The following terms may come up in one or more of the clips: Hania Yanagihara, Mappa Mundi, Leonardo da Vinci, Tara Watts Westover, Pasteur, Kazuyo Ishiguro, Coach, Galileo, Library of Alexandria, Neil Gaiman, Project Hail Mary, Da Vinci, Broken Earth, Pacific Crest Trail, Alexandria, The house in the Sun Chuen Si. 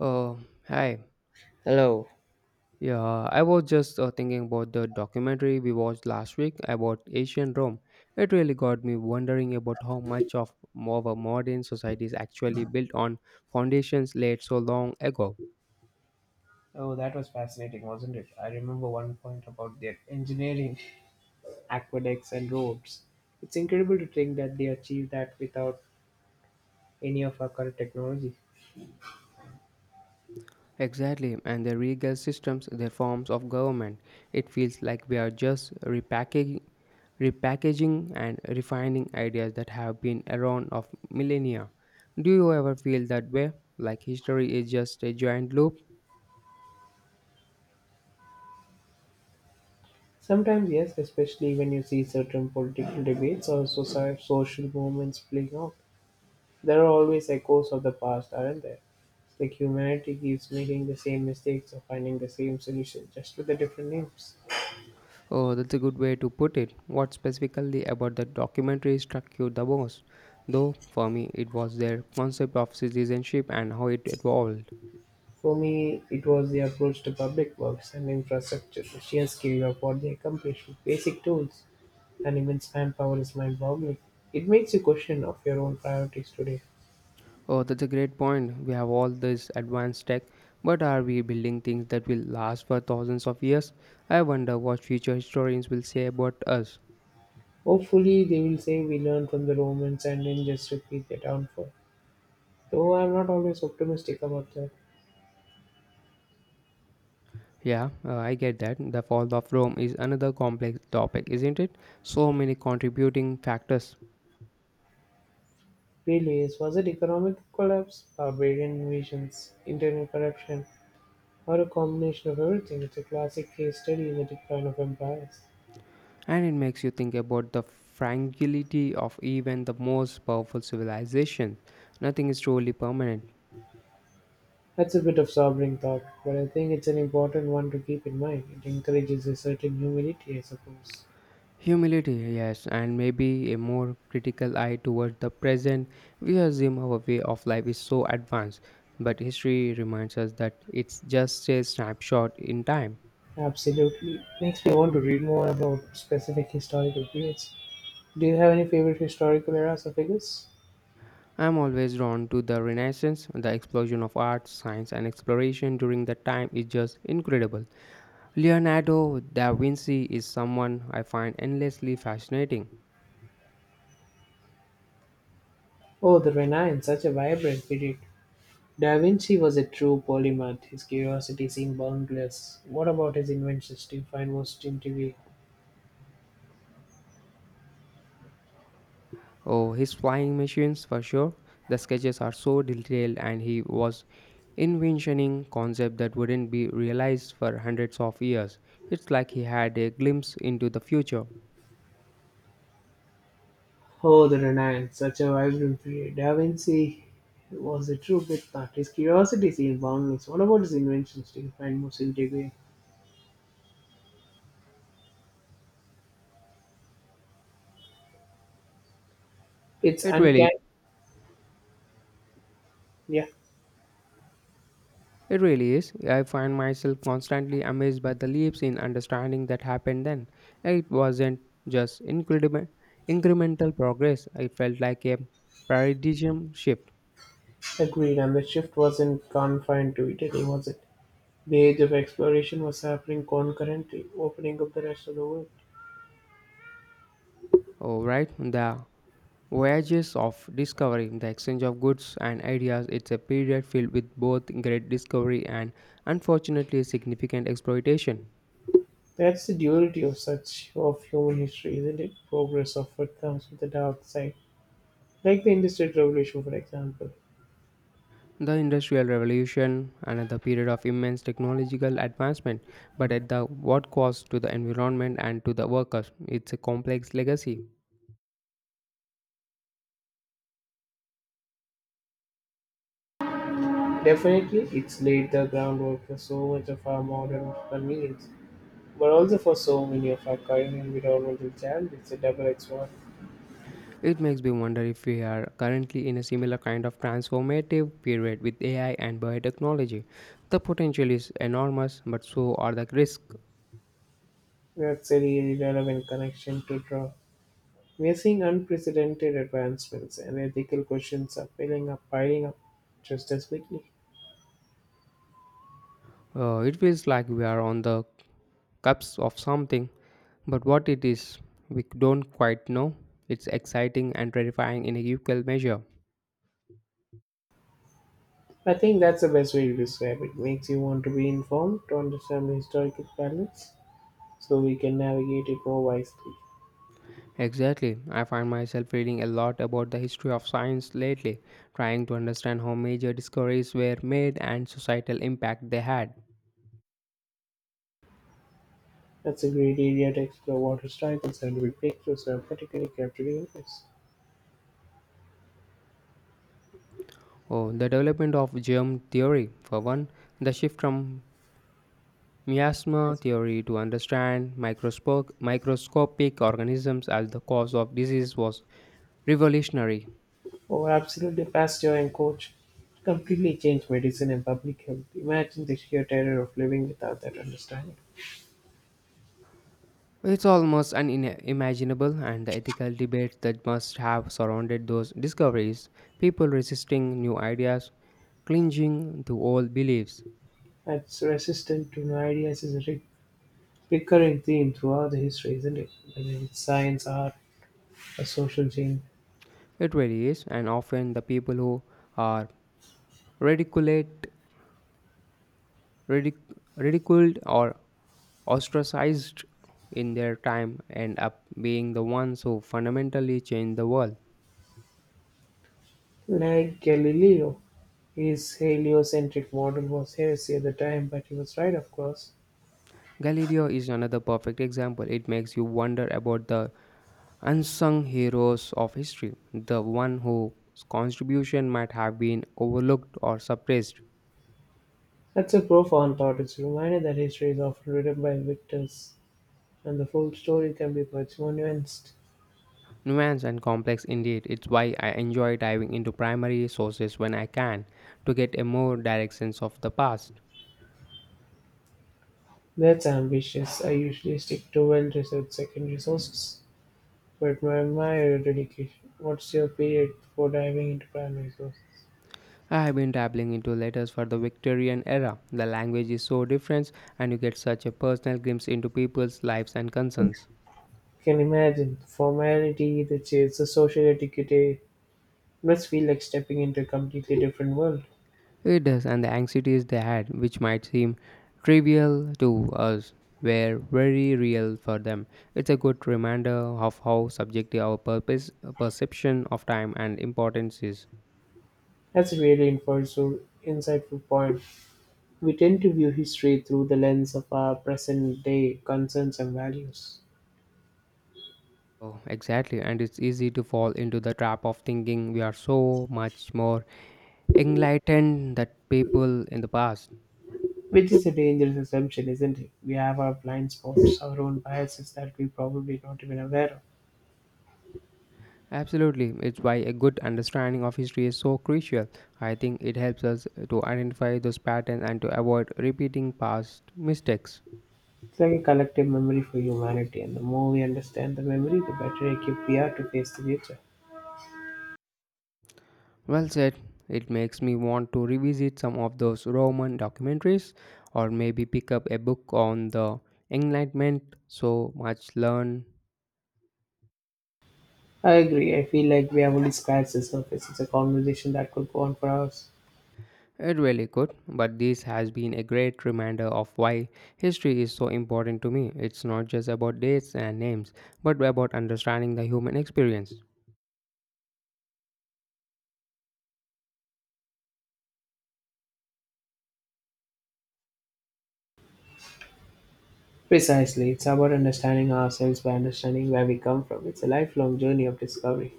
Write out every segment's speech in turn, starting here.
Uh, hi. Hello. Yeah, I was just thinking about the documentary we watched last week about ancient Rome. It really got me wondering about how much of our modern society is actually built on foundations laid so long ago. Oh, that was fascinating, wasn't it? I remember one point about their engineering, aqueducts, and roads. It's incredible to think that they are without any of our current technology. Exactly, and the regal systems, their forms of government. It feels like we are just repackaging and refining ideas that have been around of millennia. Do you ever feel that way? Like history is just a giant loop? Sometimes, yes, especially when you see certain political debates or social movements playing out. There are always echoes of the past, aren't there? It's like humanity keeps making the same mistakes or finding the same solution, just with the different names. Oh, that's a good way to put it. What specifically about the documentary struck you the most? Though, for me, it was their concept of citizenship and how it evolved. For me, it was the approach to public works and infrastructure. The sheer scale of what they accomplish with basic tools and immense manpower is mind-boggling. It makes you question of your own priorities today. Oh, that's a great point. We have all this advanced tech, but are we building things that will last for thousands of years? I wonder what future historians will say about us. Hopefully, they will say we learned from the Romans and then just repeat their downfall. Though I'm not always optimistic about the Yeah, I get that. The fall of Rome is another complex topic, isn't it? So many contributing factors. failures. Was it economic collapse, barbarian invasions, internal corruption, or a combination of everything? It's a classic case study in the decline of empires. And it makes you think about the fragility of even the most powerful civilizations. Nothing is truly permanent. That's a bit of sobering thought, but I think it's an important one to keep in mind. It encourages a certain humility, I suppose. Humility, yes, and maybe a more critical eye towards the present. We assume our way of life is so advanced, but history reminds us that it's just a snapshot in time. Absolutely. Makes me want to read more about specific historical periods. Do you have any favorite historical eras or figures? I'm always drawn to the Renaissance. The explosion of art, science, and exploration during that time is just incredible. Leonardo da Vinci is someone I find endlessly fascinating. Oh, the Renaissance, such a vibrant period. Da Vinci was a true polymath. His curiosity seemed boundless. What about his inventions do you find most intriguing? Oh, his flying machines for sure. The sketches are so detailed, and he was inventioning concepts that wouldn't be realized for hundreds of years. It's like he had a glimpse into the future. Oh, the Renaissance, such a vibrant period. Da Vinci was a true bloodthirst. His curiosity seemed boundless. What about his inventions? Do you find most intriguing? It's It really, uncanny. Yeah, it really is. I find myself constantly amazed by the leaps in understanding that happened then. It wasn't just incremental progress. It felt like a paradigm shift. agreed. And the shift wasn't confined to Italy, was it? The age of exploration was happening concurrently, opening up the rest of the world. Oh, right. The voyages of discovery, the exchange of goods and ideas, it's a period filled with both great discovery and unfortunately significant exploitation. That's the duality of such of human history, isn't it? Progress often comes with a dark side, like the Industrial Revolution, for example. The Industrial Revolution, another period of immense technological advancement, but at the what cost to the environment and to the workers? It's a complex legacy. Definitely, it's laid the groundwork for so much of our modern convenience, but also for so many of our current environmental challenges. It's a double-edged sword. It makes me wonder if we are currently in a similar kind of transformative period with AI and biotechnology. The potential is enormous, but so are the risks. That's a really relevant connection to draw. We are seeing unprecedented advancements, and ethical questions are piling up just as quickly. It feels like we are on the cusp of something, but what it is, we don't quite know. It's exciting and terrifying in a equal measure. I think that's the best way to describe it. Makes you want to be informed to understand the historical balance, so we can navigate it more wisely. Exactly. I find myself reading a lot about the history of science lately, trying to understand how major discoveries were made and societal impact they had. That's a great area to explore what historical scientific breakthroughs are particularly capturing us. Oh, the development of germ theory, for one, the shift from miasma theory to understand microscopic organisms as the cause of disease was revolutionary. Oh, absolutely, Pasteur and Coach completely changed medicine and public health. Imagine the sheer terror of living without that understanding. Well, it's almost unimaginable, and the ethical debates that must have surrounded those discoveries, people resisting new ideas, clinging to old beliefs. That's resistant to new ideas is a recurring theme throughout the history, isn't it? Whether it's science, art, a social change. It really is, and often the people who are ridiculed, ridiculed or ostracized in their time end up being the ones who fundamentally change the world. Like Galileo, his heliocentric model was heresy at the time, but he was right, of course. Galileo is another perfect example. It makes you wonder about the unsung heroes of history, the one whose contribution might have been overlooked or suppressed. That's a profound thought. It's a reminder that history is often written by victors, and the full story can be much more nuanced. Nuanced and complex indeed, it's why I enjoy diving into primary sources when I can to get a more direct sense of the past. That's ambitious. I usually stick to well-researched secondary sources, but I admire your dedication. What's your period before diving into primary sources? I have been dabbling into letters for the Victorian era. The language is so different, and you get such a personal glimpse into people's lives and concerns. Can imagine the formality, the chase, the social etiquette. It must feel like stepping into a completely different world. It does, and the anxieties they had, which might seem trivial to us, were very real for them. It's a good reminder of how subjective perception of time and importance is. That's a insightful point. We tend to view history through the lens of our present-day concerns and values, Oh, exactly, and it's easy to fall into the trap of thinking we are so much more enlightened than people in the past. which is a dangerous assumption, isn't it? We have our blind spots, our own biases that we probably not even aware of. Absolutely, it's why a good understanding of history is so crucial. I think it helps us to identify those patterns and to avoid repeating past mistakes. It's like a collective memory for humanity, and the more we understand the memory, the better equipped we are to face the future. Well said. It makes me want to revisit some of those Roman documentaries or maybe pick up a book on the Enlightenment. So much learn. I agree. I feel like we have only scratched the surface. It's a conversation that could go on for hours. It really could, but this has been a great reminder of why history is so important to me. It's not just about dates and names, but about understanding the human experience. Precisely. It's about understanding ourselves by understanding where we come from. It's a lifelong journey of discovery.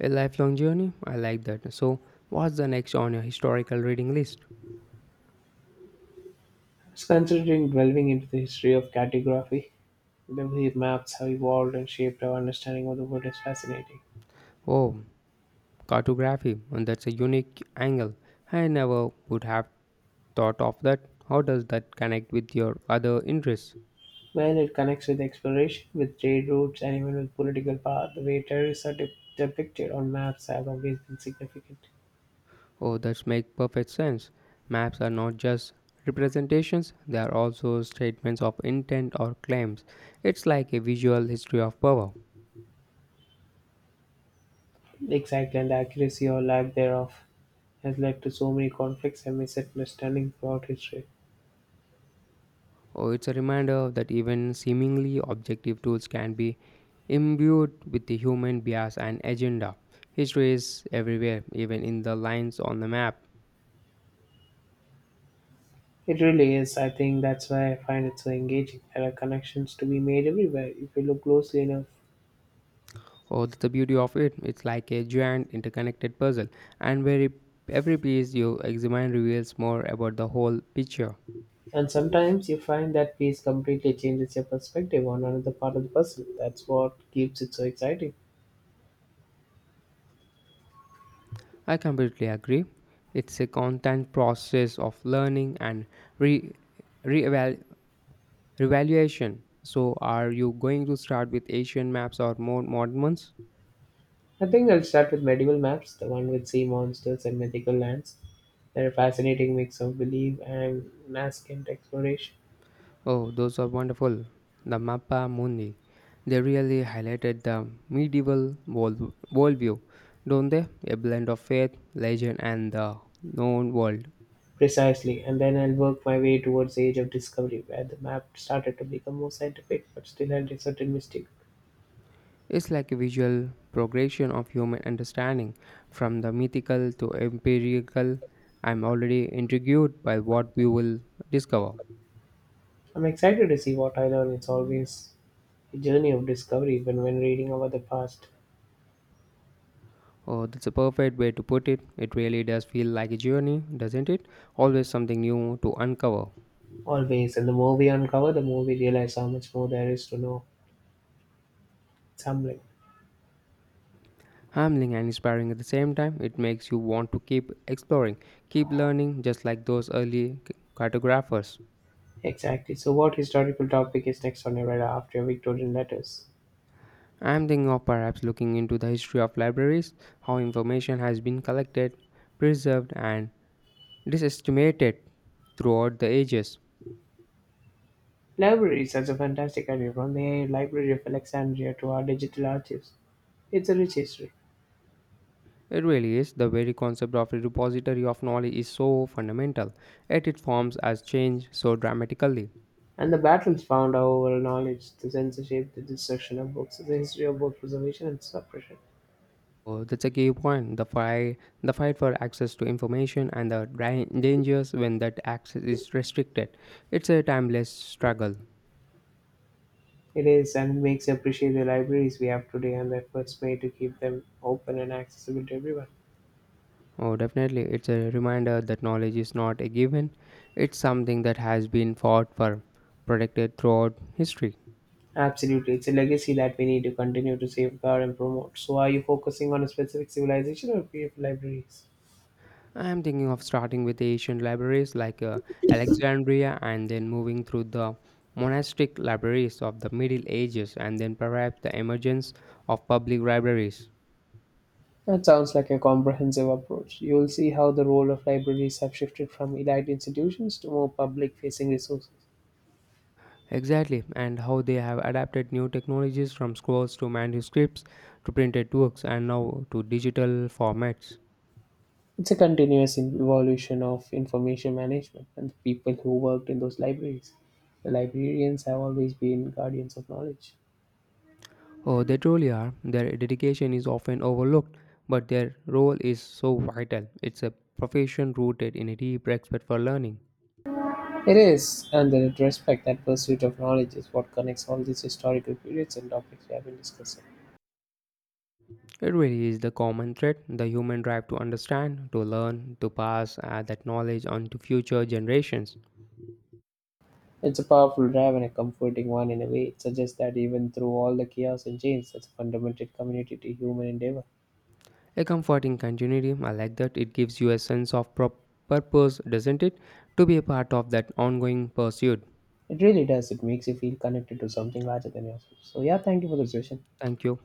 A lifelong journey? I like that. So, what's the next on your historical reading list? It's considering delving into the history of cartography. The way maps have evolved and shaped our understanding of the world is fascinating. Oh, cartography. And that's a unique angle. I never would have thought of that. How does that connect with your other interests? Well, it connects with exploration, with trade routes, and even with political power. The way terrorists are depicted on maps have always been significant. Oh, that makes perfect sense. Maps are not just representations, they are also statements of intent or claims. It's like a visual history of power. Exactly, and the accuracy or lack thereof has led to so many conflicts and misunderstandings throughout history. Oh, it's a reminder that even seemingly objective tools can be imbued with the human bias and agenda. History is everywhere, even in the lines on the map. It really is. I think that's why I find it so engaging. There are connections to be made everywhere if you look closely enough. Oh, that's the beauty of it. It's like a giant interconnected puzzle, and every piece you examine reveals more about the whole picture. And sometimes you find that piece completely changes your perspective on another part of the puzzle. That's what keeps it so exciting. I completely agree. It's a constant process of learning and re reeval- revaluation. So, are you going to start with Asian maps or more modern ones? I think I'll start with medieval maps, the one with sea monsters and mythical lands. They're a fascinating mix of belief and nascent exploration. Oh, those are wonderful. The Mappa Mundi. They really highlighted the medieval worldview, don't they? A blend of faith, legend, and the known world. Precisely, and then I'll work my way towards the Age of Discovery, where the map started to become more scientific but still had a certain mystic. It's like a visual progression of human understanding from the mythical to empirical. I'm already intrigued by what we will discover. I'm excited to see what I learn. It's always a journey of discovery, even when reading about the past. Oh, that's a perfect way to put it. It really does feel like a journey, doesn't it? Always something new to uncover. Always, and the more we uncover, the more we realize how much more there is to know. It's humbling. Humbling and inspiring at the same time, it makes you want to keep exploring, keep learning, just like those early cartographers. Exactly. So, what historical topic is next on your radar after your Victorian letters? I am thinking of perhaps looking into the history of libraries, how information has been collected, preserved, and disestimated throughout the ages. Libraries are a fantastic career from the Library of Alexandria to our digital archives. It's a rich history. It really is. The very concept of a repository of knowledge is so fundamental, yet it forms as change so dramatically. And the battles found our knowledge, the censorship, the destruction of books, the history of both preservation and suppression. Oh, that's a key point. The fight for access to information and the dangers when that access is restricted. It's a timeless struggle. It is and makes you appreciate the libraries we have today and the efforts made to keep them open and accessible to everyone. Oh, definitely. It's a reminder that knowledge is not a given. It's something that has been fought for, protected throughout history. Absolutely, it's a legacy that we need to continue to safeguard and promote. So, are you focusing on a specific civilization or a few libraries? I am thinking of starting with ancient libraries like Alexandria, and then moving through the monastic libraries of the Middle Ages, and then perhaps the emergence of public libraries. That sounds like a comprehensive approach. You'll see how the role of libraries have shifted from elite institutions to more public facing resources. Exactly, and how they have adapted new technologies from scrolls to manuscripts to printed works and now to digital formats. It's a continuous evolution of information management and the people who worked in those libraries. The librarians have always been guardians of knowledge. Oh, they truly are. Their dedication is often overlooked, but their role is so vital. It's a profession rooted in a deep respect for learning. It is, and the respect that pursuit of knowledge is what connects all these historical periods and topics we have been discussing. It really is the common thread, the human drive to understand, to learn, to pass that knowledge on to future generations. It's a powerful drive and a comforting one in a way. It suggests that even through all the chaos and change, that's a fundamental community to human endeavor. A comforting continuity. I like that. It gives you a sense of purpose, doesn't it? To be a part of that ongoing pursuit. It really does. It makes you feel connected to something larger than yourself. So, yeah, thank you for the session. Thank you.